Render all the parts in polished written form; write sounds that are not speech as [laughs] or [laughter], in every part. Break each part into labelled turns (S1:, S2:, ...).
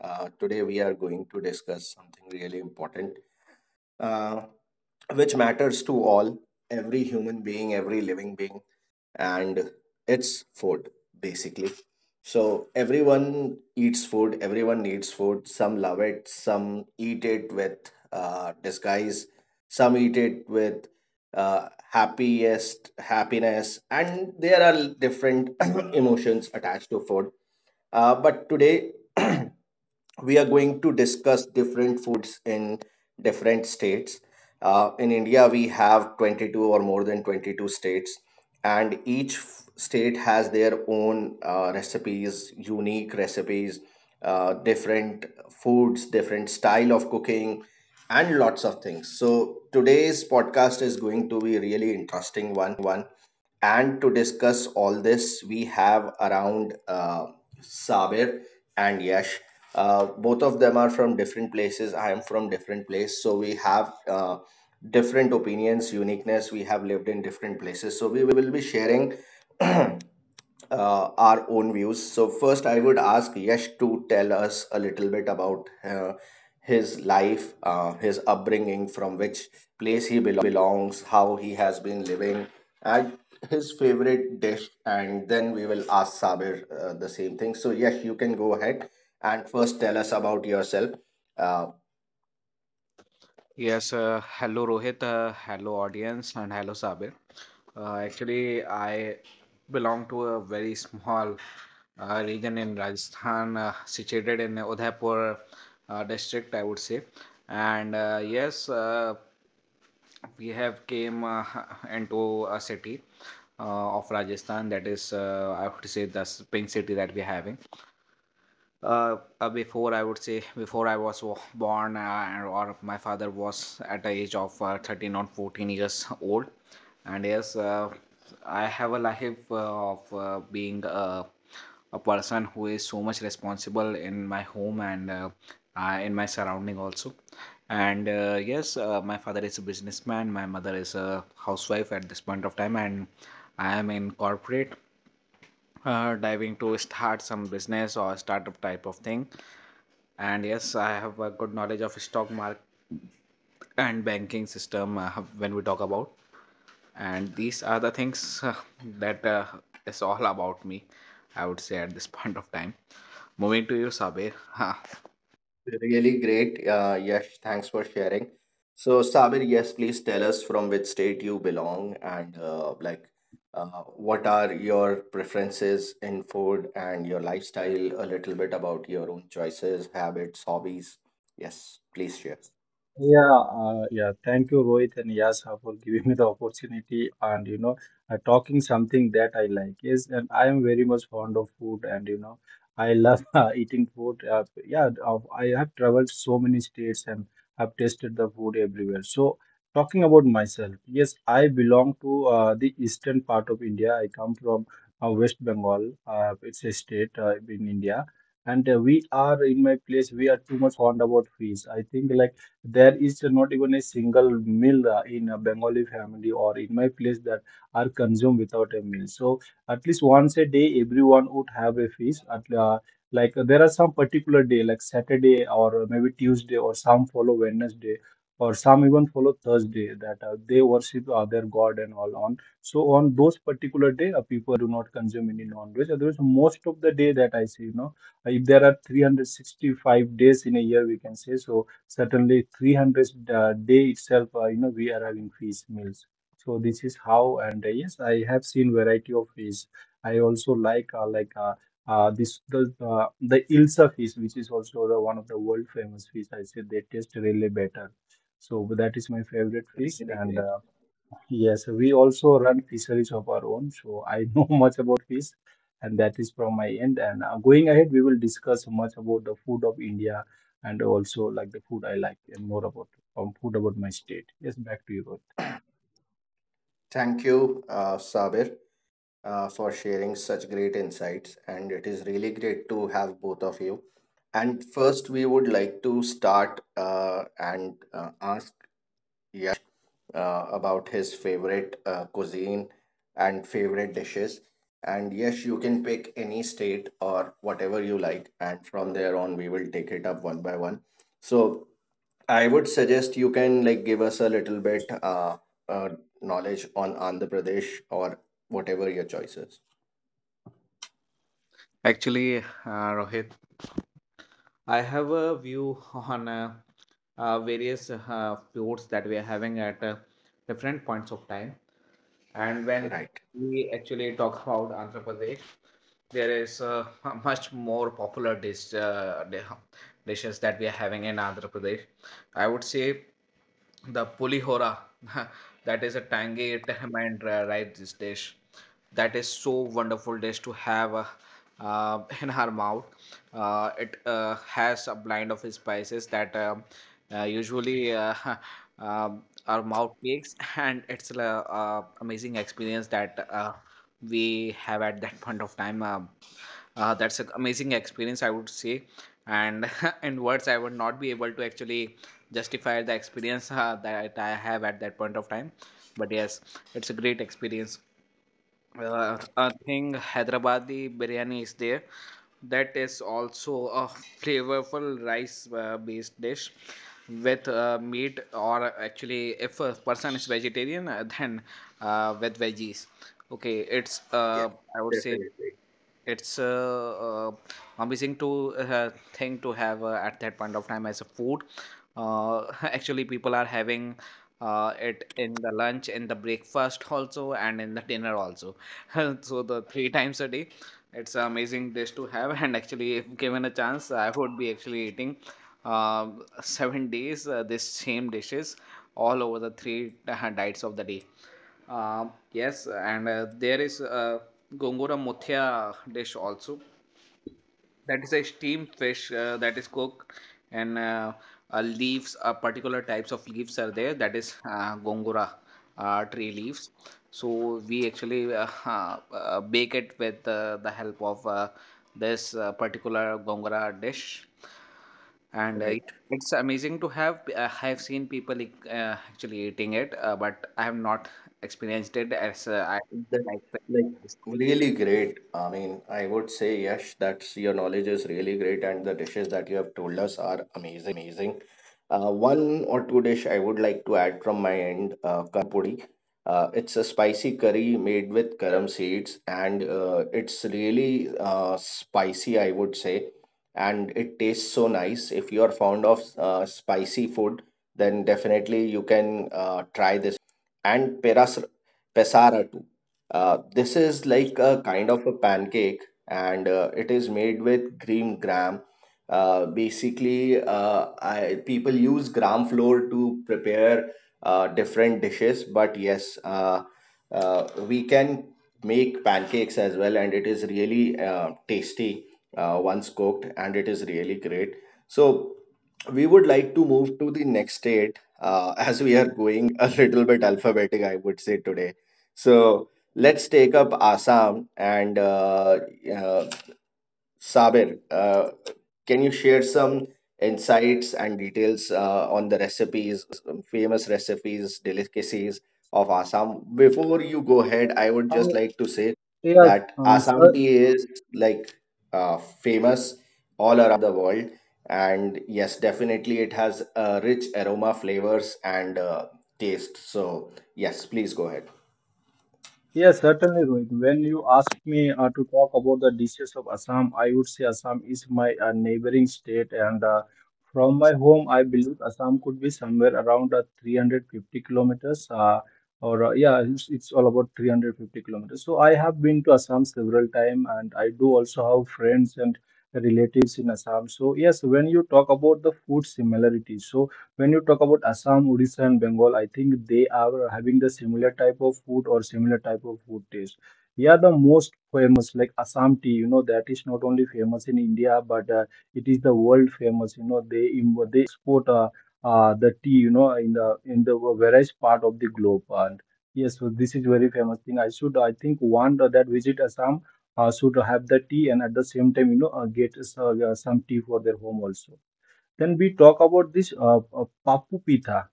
S1: Today, we are going to discuss something really important, uh, which matters to all every human being, every living being, and it's food. Basically, so everyone eats food, everyone needs food, some love it, some eat it with disguise, some eat it with happiest happiness, and there are different [coughs] [clears throat] emotions attached to food, but today [clears throat] we are going to discuss different foods in different states. In India, we have 22 or more than 22 states, and each state has their own recipes, unique recipes, different foods, different style of cooking, and lots of things. So, today's podcast is going to be a really interesting one, and to discuss all this, we have around Sabir and Yash. Both of them are from different places. I am from different place, so we have different opinions, uniqueness. We have lived in different places, so we will be sharing our own views. So first, I would ask Yash to tell us a little bit about his life, his upbringing, from which place he belongs, how he has been living, and his favorite dish. And then we will ask Sabir the same thing. So Yash, you can go ahead and first tell us about yourself. Uh,
S2: Yes, hello Rohit, hello audience, and hello Sabir. Actually, I belong to a very small region in Rajasthan, situated in Udaipur district, I would say. And yes, we have came [laughs] into a city of Rajasthan, that is, I would say, the pink city that we're having before, I would say, before I was born, or my father was at the age of 13 or 14 years old. And yes, I have a life of being a person who is so much responsible in my home and in my surrounding also. And yes, my father is a businessman, my mother is a housewife at this point of time. And I am in corporate, diving to start some business or startup type of thing. And yes, I have a good knowledge of stock market and banking system when we talk about. And these are the things that is all about me, I would say, at this [laughs] point of time. Moving to you, Sabir. Huh.
S1: Really great. Yash, thanks for sharing. So, Sabir, yes, please tell us from which state you belong, and like uh, what are your preferences in food and your lifestyle, a little bit about your own choices, habits, hobbies. Yes, please share.
S3: Yeah, yeah. Thank you, Rohit and Yasa, for giving me the opportunity and talking something that I like. Yes, and I am very much fond of food, and I love [laughs] eating food. Yeah, I have traveled so many states and have tasted the food everywhere. So, talking about myself, yes, I belong to the eastern part of India. I come from West Bengal. It's a state in India. And we are in my place, we are too much fond about fish. I think like there is not even a single meal in a Bengali family or in my place that are consumed without a meal. So at least once a day, everyone would have a fish. At like There are some particular day, like Saturday or maybe Tuesday, or some follow Wednesday, or some even follow Thursday, that they worship their God and all on. So on those particular day, people do not consume any non-veg. Otherwise, most of the day that I see, you know, if there are 365 days in a year, we can say so certainly 300 day itself, you know, we are having fish meals. So this is how, and yes, I have seen variety of fish. I also like this uh, the ilsa fish, which is also the one of the world famous fish. I said they taste really better, so that is my favorite fish.
S1: Really
S3: And
S1: great.
S3: yes, we also run fisheries of our own, so I know [laughs] much about fish, and that is from my end. And going ahead, we will discuss much about the food of India and also like the food I like and more about food about my state. Yes, back to you,
S1: Thank you, Sabir, for sharing such great insights. And it is really great to have both of you. And first, we would like to start and ask Yash about his favorite cuisine and favorite dishes. And yes, you can pick any state or whatever you like, and from there on, we will take it up one by one. So I would suggest you can like give us a little bit uh, knowledge on Andhra Pradesh or whatever your choice is.
S2: Actually, Rohit, I have a view on various feuds that we are having at different points of time, and when
S1: Right.
S2: we actually talk about Andhra Pradesh. There is [laughs] much more popular dishes that we are having in Andhra Pradesh. I would say the pulihora. [laughs] That is a tangy [laughs] tamarind rice dish that is so wonderful dish to have [laughs] in our mouth. It has a blend of spices that usually [laughs] our mouth makes [laughs] and it's an amazing experience that we have at that [laughs] point of time. That's an amazing experience, I would say. And [laughs] in words, I would not be able to actually justify the experience that I have at that point of time, but yes, it's a great experience. I think Hyderabadi biryani is there. That is also a flavorful rice based dish with meat, or actually, if a person is vegetarian, then with veggies. Okay, it's,
S1: Yes,
S2: I would say
S1: definitely.
S2: it's a amazing to thing to have at that point of time as a food. [laughs] Actually, people are having it in the lunch, in the breakfast also, and in the dinner also. [laughs] So the three times a day, it's an amazing dish to have. [laughs] And actually, if given a chance, I would be actually eating uh, 7 days this same dishes all over the three diets of the day. Yes, and there is Gongura Mothia dish also, that is a steamed fish that is cooked. And leaves, particular types of leaves are there, that is gongora tree leaves. So we actually [laughs] bake it with the help of this particular gongora dish. And
S1: Right.
S2: it's amazing to have. I have seen people actually eating it, but I have not experienced it as I,
S1: That
S2: my
S1: like
S2: friend.
S1: really great. I mean, I would say Yash, that's your knowledge is really great, and the dishes that you have told us are amazing. One or two dish I would like to add from my end, karam puri. It's a spicy curry made with karam seeds, and it's really spicy, I would say, and it tastes so nice. If you are fond of spicy food, then definitely you can try this one, and peras Pesara too. This is like a kind of a pancake, and it is made with green gram. People use gram flour to prepare different dishes, but yes, we can make pancakes as well, and it is really tasty once cooked, and it is really great. So, we would like to move to the next state, as we are going a little bit alphabetic, I would say today. So let's take up Assam, and uh, Sabir. Can you share some insights and details on the recipes, famous recipes, delicacies of Assam? Before you go ahead, I would just
S3: Rohit.
S1: like to say
S3: Yes,
S1: that
S3: sir.
S1: Assam tea is like famous all around the world. And yes, definitely it has rich aroma, flavors, and taste. So, yes, please go ahead.
S3: Yes, certainly, Rohit. When you ask me to talk about the dishes of Assam, I would say Assam is my neighboring state, and from my home, I believe Assam could be somewhere around 350 kilometers, or yeah, it's all about 350 kilometers. So I have been to Assam several times, and I do also have friends and relatives in Assam. So yes, when you talk about the food similarities, so when you talk about Assam, Odisha, and Bengal, I think they are having the similar type of food or similar type of food taste. Yeah, the most famous like Assam tea, you know, that is not only famous in India, but it is the world famous. You know, they export the tea, you know, in the various part of the globe. And yes, so this is very famous thing. I should, I think, one that visit Assam should have the tea, and at the same time, you know, get some tea for their home also. Then we talk about this Papu Pitha.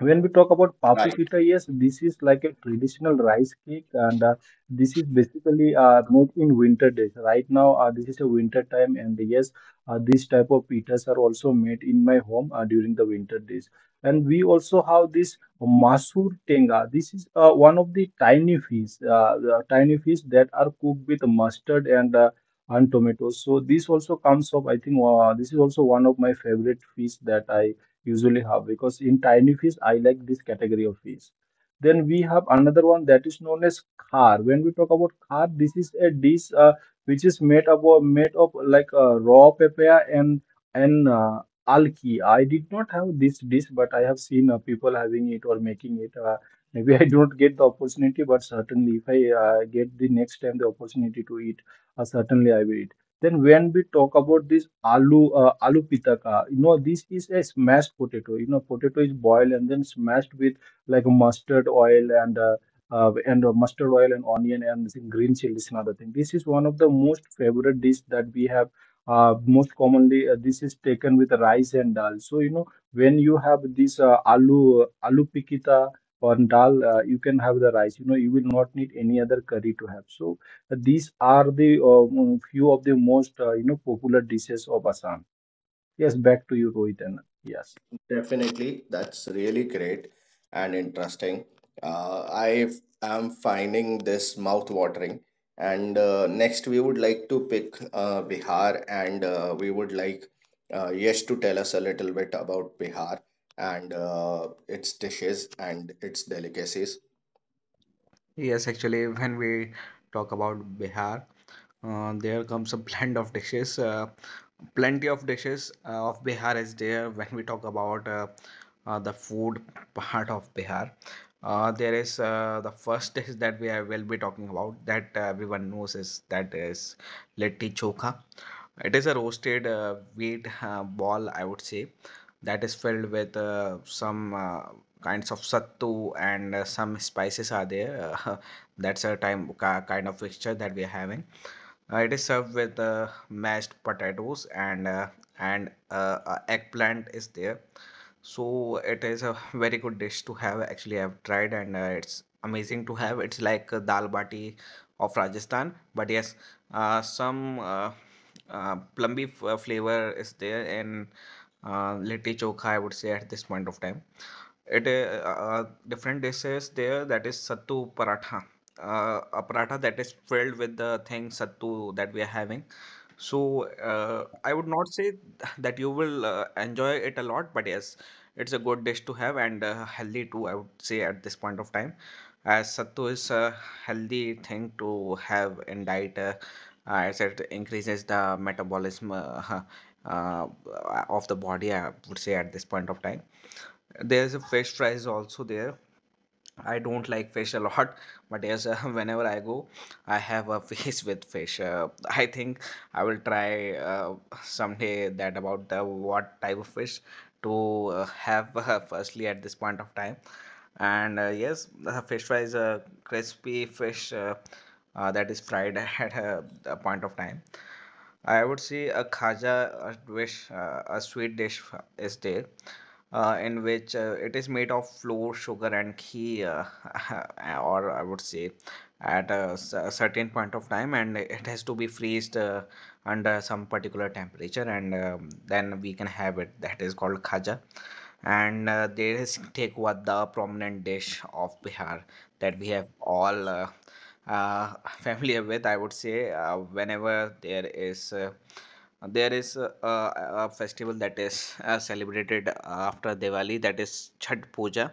S3: When we talk about Papu
S1: Right.
S3: Pita, yes, this is like a traditional rice cake, and this is basically made in winter days. Right now, this is a winter time, and yes, this type of pitas are also made in my home during the winter days. And we also have this Masur Tenga. This is one of the tiny fish that are cooked with mustard and tomatoes. So this also comes up. I think this is also one of my favorite fish that I usually have, because in tiny fish I like this category of fish. Then we have another one that is known as Khar. When we talk about Khar, this is a dish which is made of raw papaya and and uh, alki. I did not have this dish, but I have seen people having it or making it. Maybe I don't get the opportunity, but certainly if I get the next time the opportunity to eat, certainly I will eat. Then when we talk about this aloo pitaka, you know, this is a smashed potato. You know, potato is boiled and then smashed with like mustard oil and mustard oil and onion and some green chilies and other thing. This is one of the most favorite dish that we have. Most commonly, this is taken with rice and dal. So you know, when you have this aloo pikita or dal, you can have the rice. You know, you will not need any other curry to have. So these are the few of the most you know popular dishes of Assam. Yes, back to you, Rohit. And yes.
S1: Definitely, that's really great and interesting. I am finding this mouth-watering. And next, we would like to pick Bihar, and we would like Yash to tell us a little bit about Bihar and its dishes and its delicacies.
S2: Yes, actually, when we talk about Bihar, there comes a blend of dishes. Plenty of dishes of Bihar is there when we talk about the food part of Bihar. There is the first dish that will be talking about, that everyone knows, is that is litti chokha. It is a roasted wheat ball, I would say, that is filled with some kinds of sattu, and some spices are there. Uh, [laughs] that's a kind of mixture that we are having. It is served with mashed potatoes, and eggplant is there. So it is a very good dish to have. Actually, I've tried, and it's amazing to have. It's like a dal bati of Rajasthan, but yes, some plumby flavor is there in litti chokha. I would say at this point of time, it different dishes there, that is sattu paratha, a paratha that is filled with the thing sattu that we are having. So, I would not say that you will enjoy it a lot, but yes, it's a good dish to have and healthy too. I would say at this point of time, as sattu is a healthy thing to have in diet, as it increases the metabolism [laughs] uh, of the body. I would say at this point of time, there's a fish fries also there. I don't like fish a lot, but yes, [laughs] whenever I go, I have a [laughs] face with fish. I think I will try someday that about what type of fish to have [laughs] firstly at this point of time. And yes, the fish fries, crispy fish that is fried [laughs] at a point of time. I would say a khaja, a dish, a sweet dish is there, in which it is made of flour, sugar, and ghee, [laughs] or I would say at a certain point of time, and it has to be freezed under some particular temperature, and then we can have it. That is called khaja. And there is tekwada, the prominent dish of Bihar that we have all. Uh, [laughs] familiar with, I would say, whenever there is a festival that is celebrated after Diwali, that is Chhath Puja.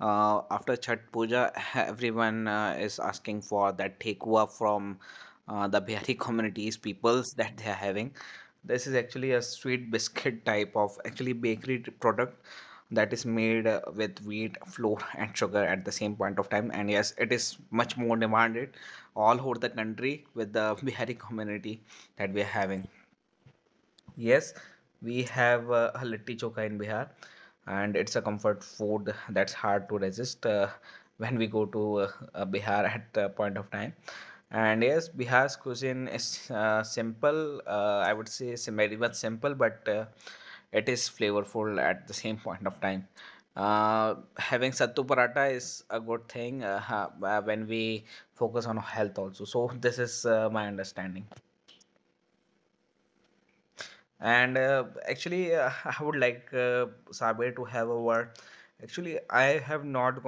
S2: After Chhath Puja, everyone is asking for that thekua from the Bihari communities, peoples that they are having. This is actually a sweet biscuit type of actually bakery product that is made with wheat, flour, and sugar at the same point of time. And yes, it is much more demanded all over the country with the Bihari community that we are having. Yes, we have a litti chokha in Bihar, and it's a comfort food that's hard to resist when we go to Bihar at the point of time. And yes, Bihar's cuisine is simple. I would say very much simple, but it is flavorful at the same point of time. Having sattu paratha is a good thing when we focus on health also. So this is my understanding. And actually, [laughs] I would like Saber to have a word. Actually, I have not gone.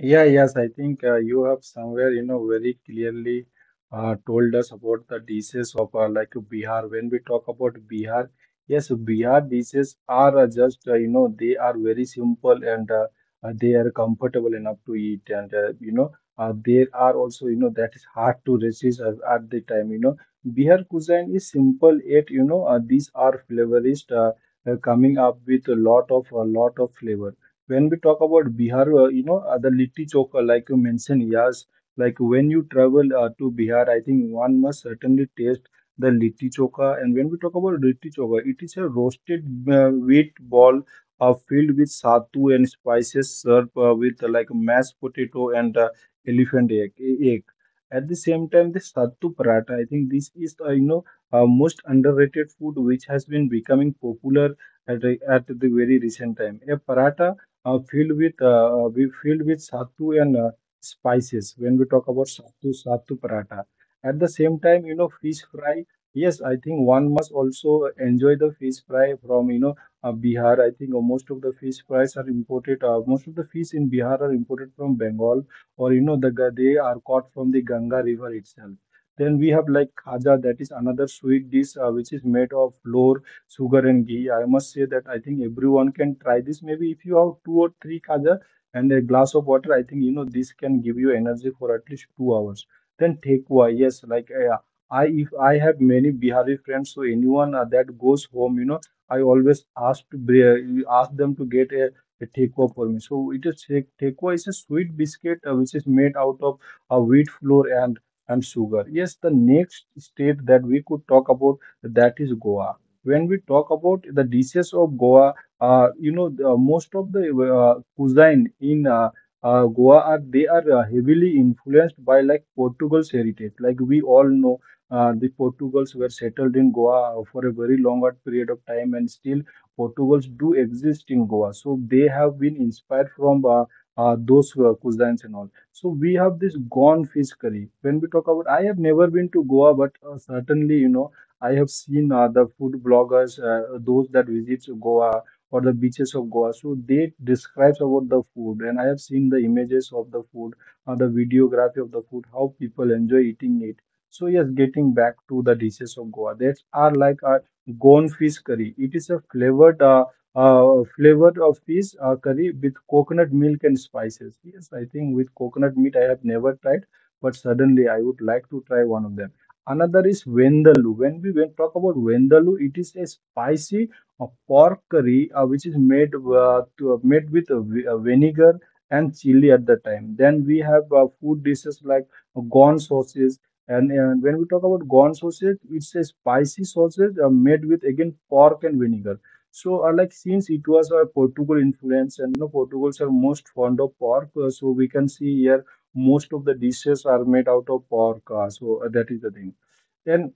S3: Yeah, yes, I think you have somewhere, you know, very clearly told us about the dishes of like Bihar. When we talk about Bihar, yes, Bihar dishes are just you know, they are very simple, and they are comfortable enough to eat. And, you know, there are also, you know, that is hard to resist at the time, you know. Bihar cuisine is simple, yet, these are flavorists, coming up with a lot of flavor. When we talk about Bihar, you know, the litti chokha, like you mentioned, yes, like when you travel to Bihar, I think one must certainly taste the litti chokha. And when we talk about litti chokha, it is a roasted wheat ball filled with sattu and spices, served with like mashed potato and elephant egg, egg. At the same time, the sattu paratha, I think this is, you know, most underrated food, which has been becoming popular at, at the very recent time. A paratha filled with we filled with sattu and spices. When we talk about sattu paratha, at the same time, you know, fish fry, yes, I think one must also enjoy the fish fry from, you know, Bihar. I think most of the fish fries are imported. Most of the fish in Bihar are imported from Bengal, or you know, they are caught from the Ganga river itself. Then we have like khaja, that is another sweet dish which is made of flour, sugar, and ghee. I must say that I think everyone can try this. Maybe if you have two or three khaja and a glass of water, I think, you know, this can give you energy for at least 2 hours. Then thekwa, yes, like I if I have many Bihari friends, so anyone that goes home, you know, I always ask to ask them to get a thekwa for me. So it is thekwa is a sweet biscuit which is made out of wheat flour and sugar. Yes, the next state that we could talk about, that is Goa. When we talk about the dishes of Goa, you know, the, most of the cuisine in Goa are, they are heavily influenced by like Portugal's heritage. Like we all know, the Portugals were settled in Goa for a very longer period of time, and still Portugals do exist in Goa. So they have been inspired from those cuisines and all. So we have this gone fish curry. When we talk about, I have never been to Goa, but certainly, you know, I have seen the food bloggers, those that visit Goa or the beaches of Goa. So they describes about the food, and I have seen the images of the food, the videography of the food, how people enjoy eating it. So yes, getting back to the dishes of Goa, that are like a gone fish curry. It is a flavored, flavored of fish curry with coconut milk and spices. Yes, I think with coconut meat I have never tried, but suddenly I would like to try one of them. Another is Vendalu. When we when talk about Vendalu, it is a spicy pork curry which is made made with vinegar and chili at the time. Then we have food dishes like gone sauces. And when we talk about gone sausage, it's a spicy sausage made with again pork and vinegar. So, like since it was a Portugal influence, and you know Portugals are most fond of pork, so we can see here most of the dishes are made out of pork. So that is the thing. And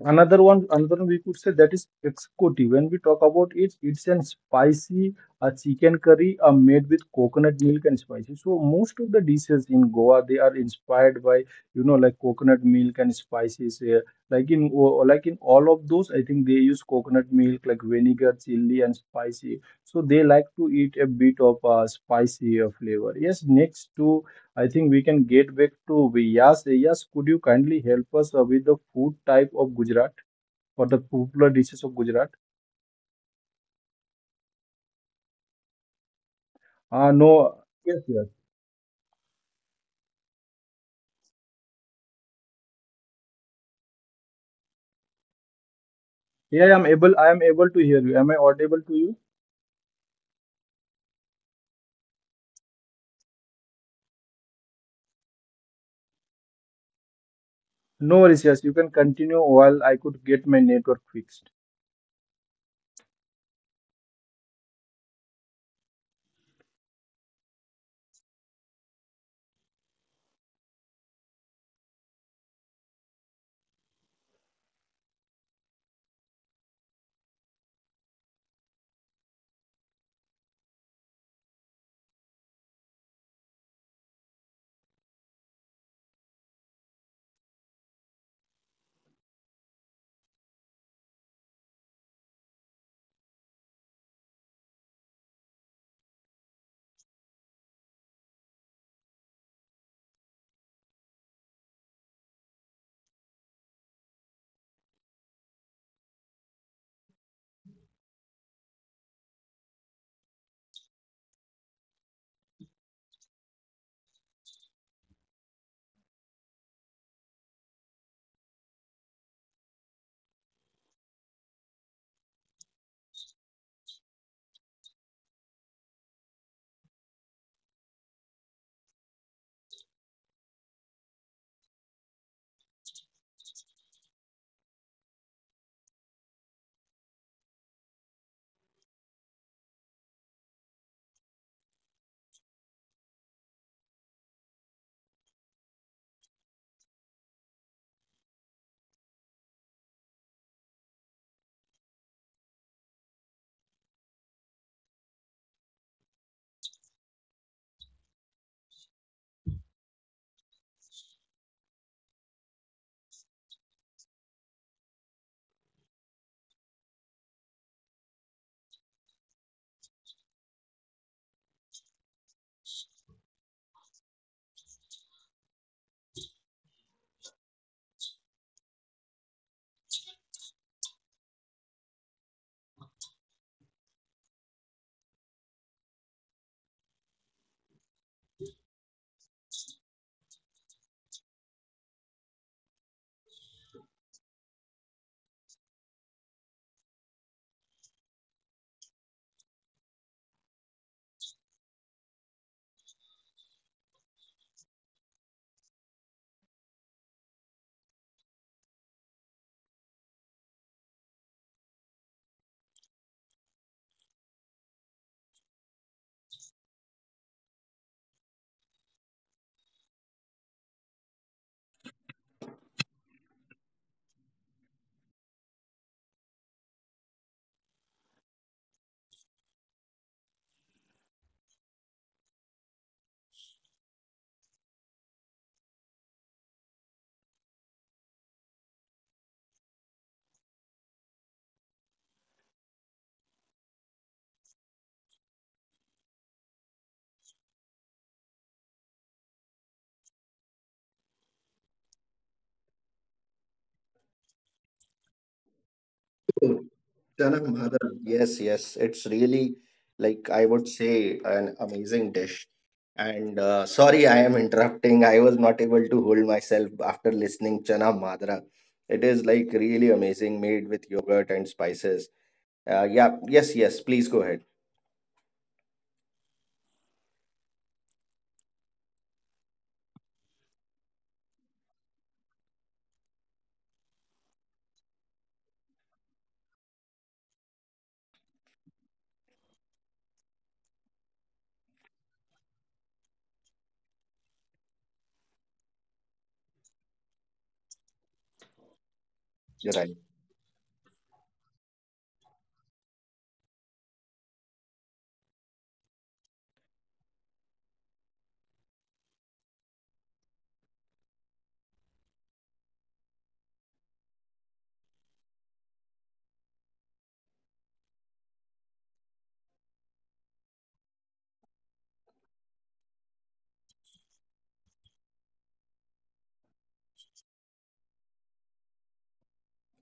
S3: another one, we could say that is executive. When we talk about it, it's an spicy a chicken curry made with coconut milk and spices. So most of the dishes in Goa they are inspired by you know like coconut milk and spices. Like in all of those, I think they use coconut milk like vinegar, chili, and spicy. So they like to eat a bit of spicy flavor. Yes, next to I think we can get back to Vyas. Vyas, could you kindly help us with the food type of Gujarat or the popular dishes of Gujarat? No, yes, yes. Yeah, I am able. I am able to hear you. Am I audible to you? No worries. Yes, you can continue while I could get my network fixed.
S1: Chana Madhav, yes, yes, it's really like, I would say, an amazing dish. And sorry, I am interrupting. I was not able to hold myself after listening Chana Madra. It is like really amazing, made with yogurt and spices. Yeah, yes, yes. Please go ahead. You're right.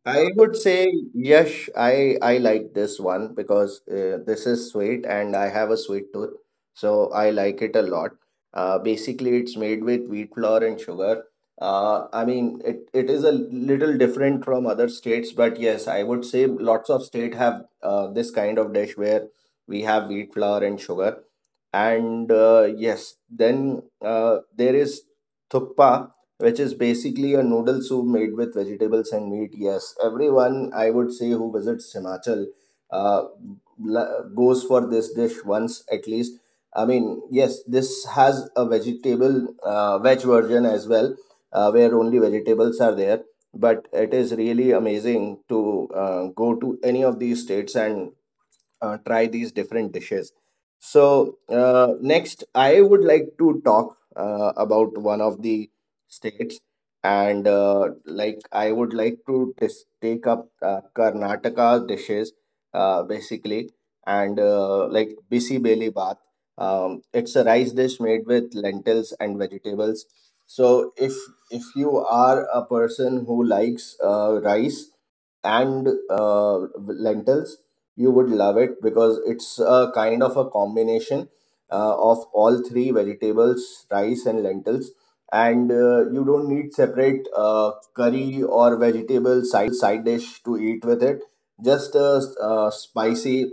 S1: I would say yes. I like this one because this is sweet, and I have a sweet tooth, so I like it a lot. Basically, it's made with wheat flour and sugar. I mean, it is a little different from other states, but yes, I would say lots of state have this kind of dish where we have wheat flour and sugar, and yes, then there is thuppa, which is basically a noodle soup made with vegetables and meat. Yes, everyone, I would say, who visits Himachal uh, goes for this dish once at least. I mean, yes, this has a vegetable veg version as well, where only vegetables are there, but it is really amazing to go to any of these states and try these different dishes. So, next, I would like to talk about one of the states, and like I would like to take up Karnataka dishes, basically, and like bisi beli bath. It's a rice dish made with lentils and vegetables. So, if you are a person who likes rice and lentils, you would love it, because it's a kind of a combination of all three, vegetables, rice, and lentils, and you don't need separate curry or vegetable side dish to eat with it, just spicy.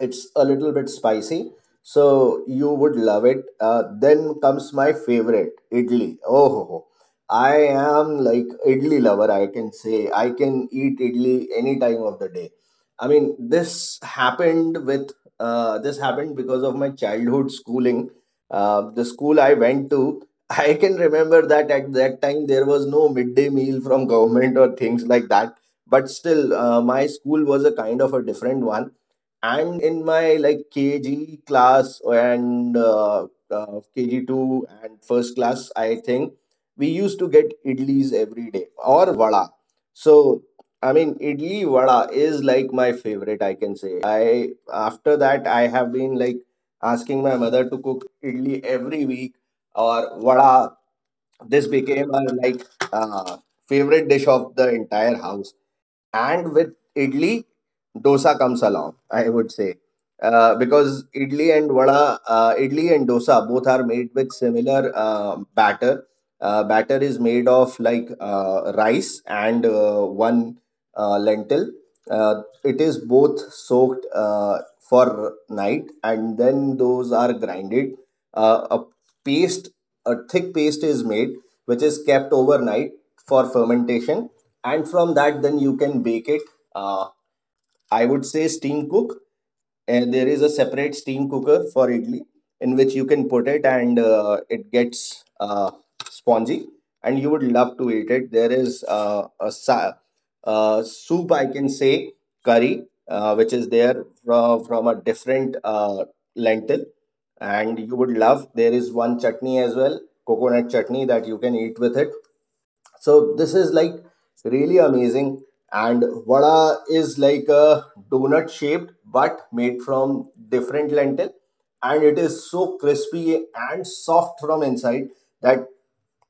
S1: It's a little bit spicy, so you would love it. Then comes my favorite, idli. Oh ho, ho. I am like idli lover, I can say. I can eat idli any time of the day. I mean, this happened because of my childhood schooling. The school I went to, [laughs] I can remember that at that time there was no midday meal from [laughs] government or things like that. But still, my school was a kind of a different one. And in my like KG class, and KG two and 1st class, I think we used to get idlis every day or vada. So I mean, idli vada is like my favorite, I can say. I after that I have been like asking my mother to cook idli every week or vada. This became a like uh, favorite dish of the entire house. And with idli, dosa comes along, I would say, because idli and vada, idli and dosa, both are made with similar batter. Batter is made of like rice and one lentil. It is both soaked for night, and then those are grinded. A paste, a thick paste is made, which is kept overnight for fermentation, and from that then you can bake it. Uh, I would say steam cook. And there is a separate steam cooker for idli in which you can put it, and it gets spongy, and you would love to eat it. There is soup, I can say, curry, which is there from a different lentil, and you would love. There is one chutney as well, coconut chutney, that you can eat with it. So this is like really amazing, and vada is like a donut shaped, but made from different lentil, and it is so crispy and soft from inside that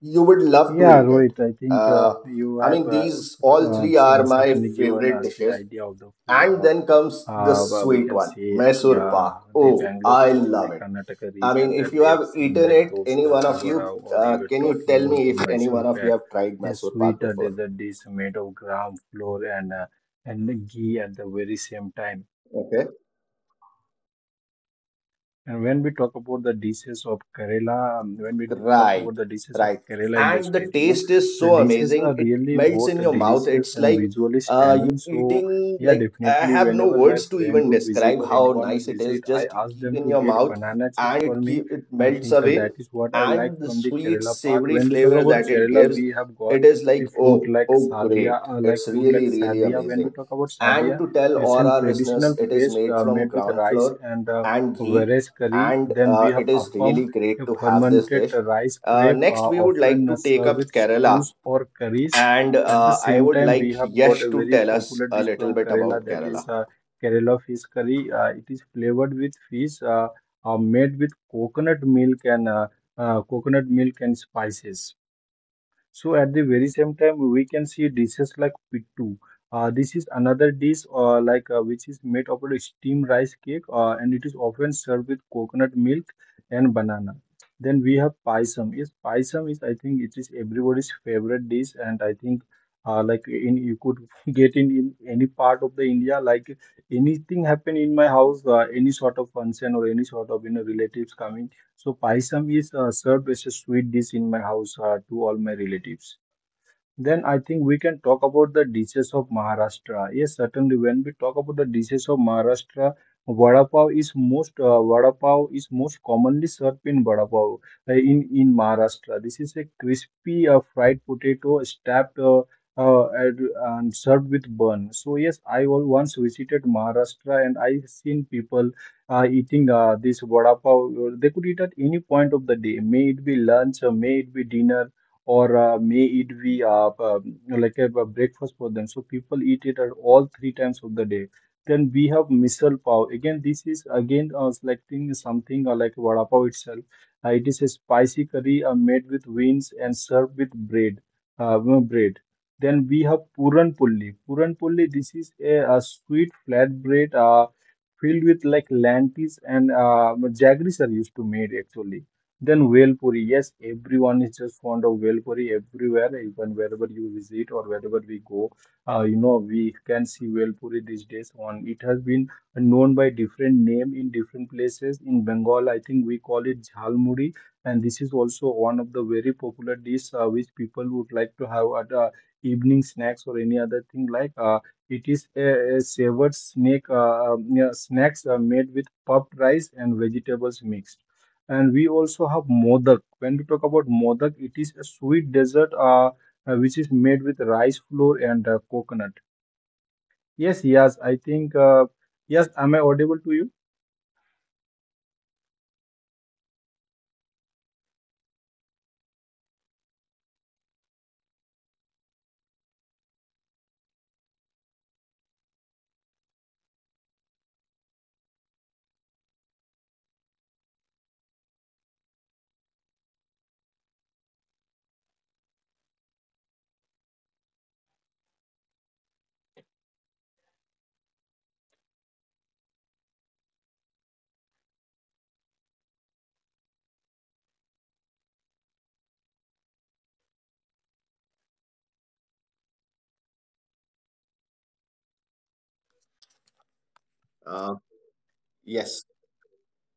S1: you would love to
S3: Yeah,
S1: eat it.
S3: Rohit, I think uh,
S1: uh,
S3: you
S1: I
S3: have
S1: mean,
S3: uh,
S1: these all
S3: uh,
S1: three
S3: s-
S1: are
S3: uh,
S1: my
S3: certainly given
S1: favorite
S3: us the
S1: dishes,
S3: idea of the food.
S1: and
S3: Of.
S1: then comes the
S3: Well, we
S1: sweet
S3: can
S1: one,
S3: see
S1: Mysore Pak.
S3: uh, the
S1: Oh,
S3: Bangalore
S1: I
S3: or the
S1: love it.
S3: Karnataka
S1: I mean,
S3: region
S1: if
S3: that
S1: you
S3: we
S1: have
S3: have seen,
S1: eaten
S3: like
S1: it,
S3: those
S1: any one
S3: the
S1: of you,
S3: vada, or you were
S1: can you
S3: talking
S1: tell
S3: about
S1: me
S3: the
S1: if any
S3: Mysore
S1: one of you
S3: pack,
S1: have tried
S3: a
S1: Mysore Pak
S3: sweet
S1: before?
S3: dessert dish made of gram flour and ghee at the very same time.
S1: Okay.
S3: And when we talk about the dishes of Kerala, talk
S1: Right,
S3: about the dishes of
S1: right.
S3: Kerala in the
S1: And the
S3: state, you know,
S1: taste is
S3: the
S1: so
S3: dishes are
S1: amazing. It
S3: really
S1: melts
S3: both
S1: in your mouth.
S3: delicious
S1: It's
S3: and
S1: like
S3: visually
S1: you
S3: stunning.
S1: are
S3: So,
S1: eating,
S3: yeah,
S1: like, I
S3: definitely,
S1: have no
S3: whenever my
S1: words to
S3: friend
S1: even
S3: would visit
S1: describe
S3: or
S1: how
S3: anyone would
S1: nice it is.
S3: visit, I
S1: Just you
S3: ask
S1: keep
S3: them
S1: in
S3: to
S1: your
S3: get
S1: mouth
S3: banana chips
S1: and
S3: for
S1: it
S3: me.
S1: keep it
S3: I
S1: melts
S3: think
S1: away,
S3: that is what I like
S1: and the
S3: from the
S1: sweet
S3: Kerala part.
S1: savory
S3: When we talk
S1: flavor
S3: about
S1: that it
S3: Kerala,
S1: gives,
S3: we have got
S1: it is
S3: the
S1: like,
S3: food
S1: oh
S3: like
S1: oh great,
S3: sadia, uh, like
S1: it's
S3: food like
S1: really really
S3: sadia. When we
S1: amazing.
S3: talk about
S1: And
S3: sadia,
S1: to tell
S3: it's
S1: all
S3: a
S1: our listeners,
S3: traditional
S1: it is
S3: feast
S1: made from
S3: made with
S1: ground
S3: rice
S1: flour
S3: and
S1: and ghee,
S3: whereas curry.
S1: and
S3: Then we have
S1: it is
S3: appam,
S1: really great
S3: a
S1: to have this
S3: fermented
S1: dish.
S3: rice crepe,
S1: Next we would like
S3: often
S1: to take
S3: served
S1: up
S3: with
S1: Kerala,
S3: stews or curries.
S1: and
S3: At the
S1: I
S3: same
S1: would
S3: time, we
S1: like
S3: have got
S1: Yesh
S3: a
S1: to
S3: very
S1: tell us
S3: popular
S1: a
S3: dish
S1: little
S3: from
S1: bit
S3: Kerala
S1: about
S3: that is
S1: Kerala.
S3: Kerala fish curry. It is flavored with fish, made with coconut milk and coconut milk and spices. So at the very same time, we can see dishes like pittu. This is another dish which is made of a steamed rice cake, and it is often served with coconut milk and banana. Then we have paisam. Yes, paisam is I think it is everybody's favorite dish, and I think like in you could [laughs] get in any part of the India. Like anything happen in my house, any sort of function or any sort of you know relatives coming so paisam is served as a sweet dish in my house to all my relatives. Then I think we can talk about the dishes of Maharashtra. Yes, certainly. When we talk about the dishes of Maharashtra, vada pav is most commonly served in vada pav in Maharashtra. This is a crispy fried potato stuffed uh, and, and served with bun. So yes, I once visited Maharashtra and I seen people eating this vada pav. They could eat at any point of the day. May it be lunch, or may it be dinner or may it be like a breakfast for them. So people eat it at all three times of the day. Then we have misal pav. This is again selecting something like vada pav itself. It is a spicy curry made with beans and served with bread. No, bread. Then we have puran pulli. This is a sweet flatbread filled with like lentils and jaggeries are used to made actually then Bhel, yes, everyone is just fond of Bhel everywhere, even wherever you visit or wherever we go. You know, we can see Bhel these days on. It has been known by different name in different places. In Bengal, I think we call it Jhalmuri, and this is also one of the very popular dish which people would like to have at evening snacks or any other thing like. It is a savored snake, yeah, snacks made with puffed rice and vegetables mixed. And we also have modak. When we talk about modak, it is a sweet dessert which is made with rice flour and coconut. Yes, I think, yes, am I audible to you?
S1: uh, yes.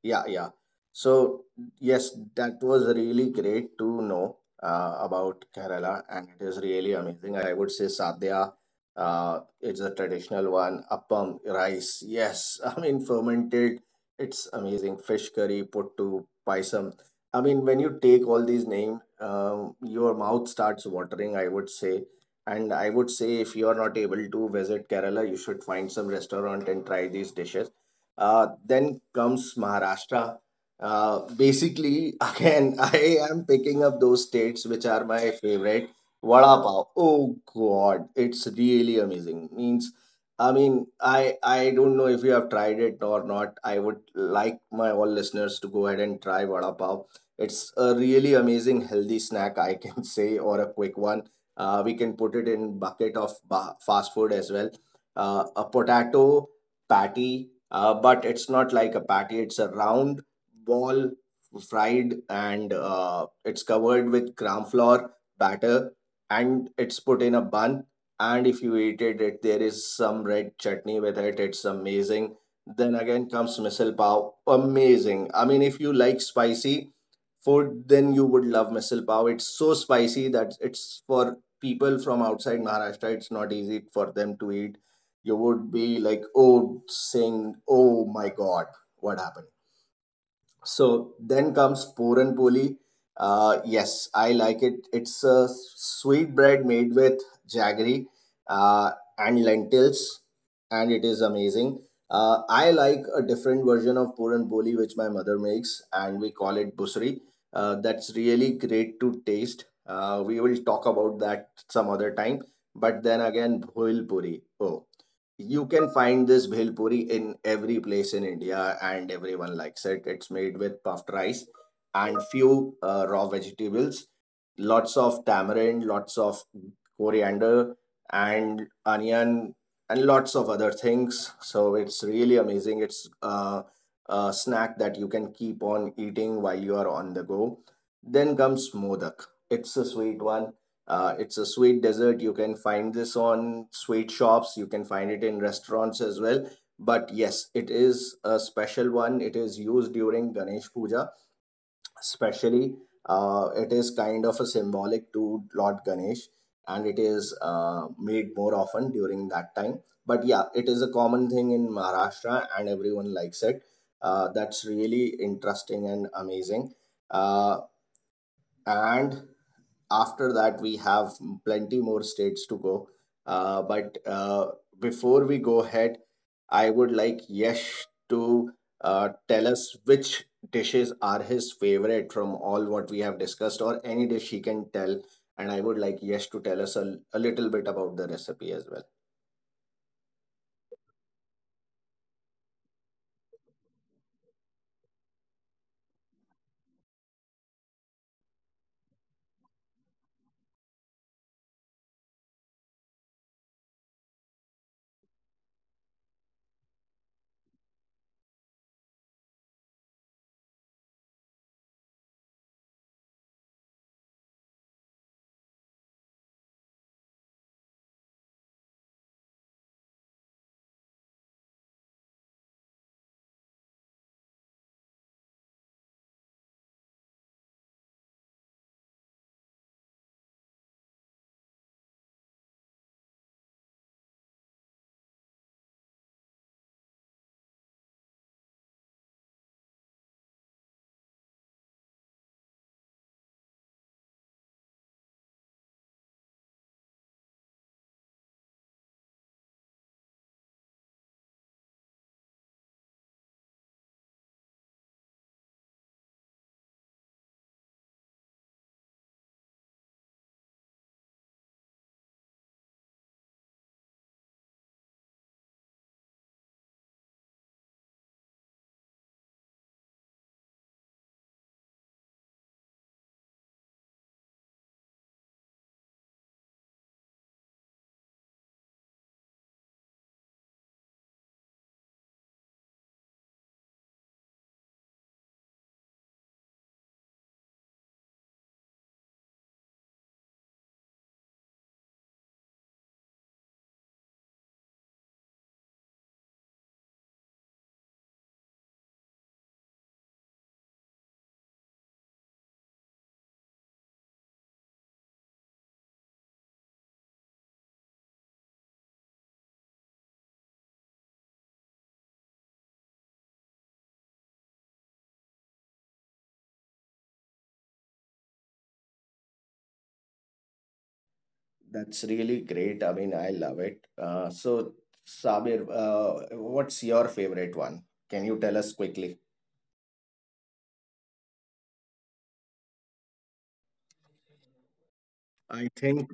S1: Yeah, yeah. So, yes, that was really great to know about Kerala, and it is really amazing. I would say sadhya, it's a traditional one. Appam, rice, yes. [laughs] I mean, fermented, it's amazing. Fish curry, puttu, paisam. I mean, when you take all these names, your mouth starts watering, I would say. And I would say if you are not able to visit Kerala, you should find some restaurant and try these dishes. Then comes Maharashtra. Basically, [laughs] again, I am picking up those states which are my favorite. Vada pav. Oh God, it's really amazing. Means, I mean, I don't know if you have tried it or not. I would like my all listeners to go ahead and try vada pav. It's a really amazing healthy snack, I can [laughs] say, or a quick one. We can put it in bucket of fast food as well. A potato patty, but it's not like a patty. It's a round ball fried and it's covered with gram flour batter and it's put in a bun. And if you eat it, there is some red chutney with it. It's amazing. Then again comes misal pav. Amazing. I mean, if you like spicy food, then you would love misal pav. It's so spicy that it's for people from outside Maharashtra. It's not easy for them to eat. You would be like, oh, saying, oh my God, what happened? So then comes Puran Poli. Yes, I like it. It's a sweet bread made with jaggery uh, and lentils, and it is amazing. I like a different version of Puran Poli, which my mother makes, and we call it busri. That's really great to taste. We will talk about that some other time. But then again, bhoil puri. Oh, you can find this bhelpuri in every place in India and everyone likes it. It's made with puffed rice and few raw vegetables, lots of tamarind, lots of coriander and onion and lots of other things. So it's really amazing. It's a snack that you can keep on eating while you are on the go. Then comes modak. It's a sweet one. Uh, it's a sweet dessert. You can find this on sweet shops. You can find it in restaurants as well. But yes, it is a special one. It is used during Ganesh Puja, especially. It is kind of a symbolic to Lord Ganesh, and it is made more often during that time. But yeah, it is a common thing in Maharashtra, and everyone likes it. That's really interesting and amazing. Uh, and after that we have plenty more states to go, but before we go ahead, I would like Yesh to tell us which dishes are his favorite from all what we have discussed, or any dish he can tell, and I would like Yesh to tell us a, little bit about the recipe as well. That's really great. I mean, I love it. So Sabir, what's your favorite one? Can you tell us quickly? I think.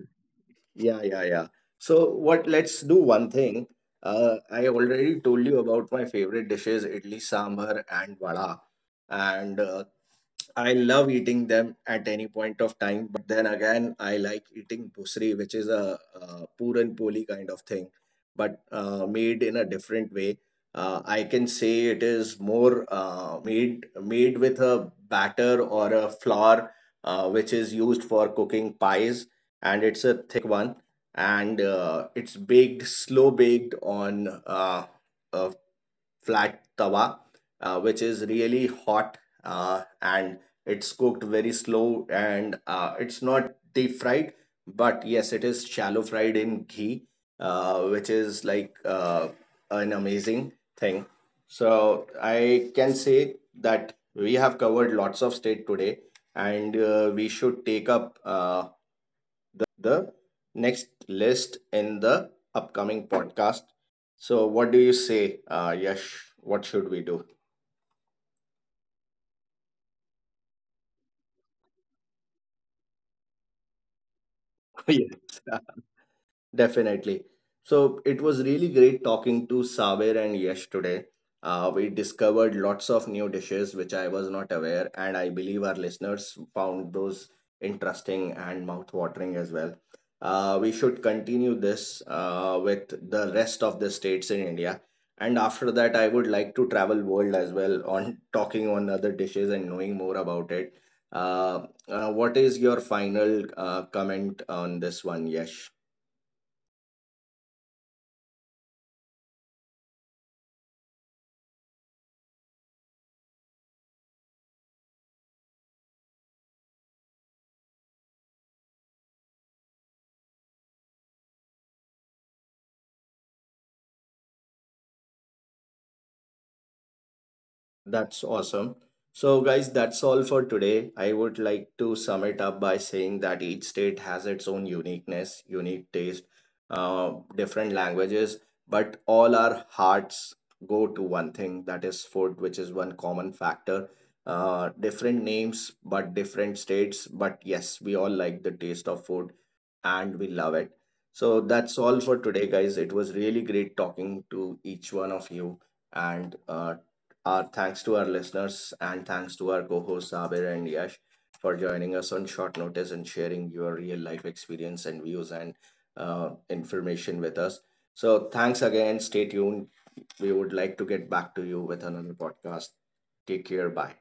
S1: Yeah, yeah, yeah. So what let's do one thing. I already told you about my favorite dishes, idli sambar and vada. And I love eating them at any point of time, but then again, I like eating busri, which is a, puran poli kind of thing, but made in a different way. I can say it is more made with a batter or a flour, which is used for cooking pies, and it's a thick one, and it's baked, slow baked on uh, flat tawa, which is really hot, and it's cooked very slow and it's not deep fried, but yes, it is shallow fried in ghee, which is like an amazing thing. So I can say that we have covered lots of state today, and we should take up the next list in the upcoming podcast. So, what do you say, Yash? What should we do? [laughs] Yes. Definitely. So it was really great talking to Saber and Yash today. We discovered lots of new dishes which I was not aware, and I believe our listeners found those interesting and mouth-watering as well. We should continue this with the rest of the states in India, and after that, I would like to travel world as well on [laughs] talking on other dishes and knowing more about it. Uh, what is your final comment on this one, Yash? That's awesome. So, guys, that's all for today. I would like to sum it up by saying that each state has its own uniqueness, unique taste, different languages, but all our hearts go to one thing that is food, which is one common factor. Different names, but different states. But yes, we all like the taste of food and we love it. So, that's all for today, guys. It was really great talking to each one of you and our thanks to our listeners and thanks to our co hosts, Sabir and Yash, for joining us on short notice and sharing your real life experience and views and information with us. So, thanks again. Stay tuned. We would like to get back to you with another podcast. Take care. Bye.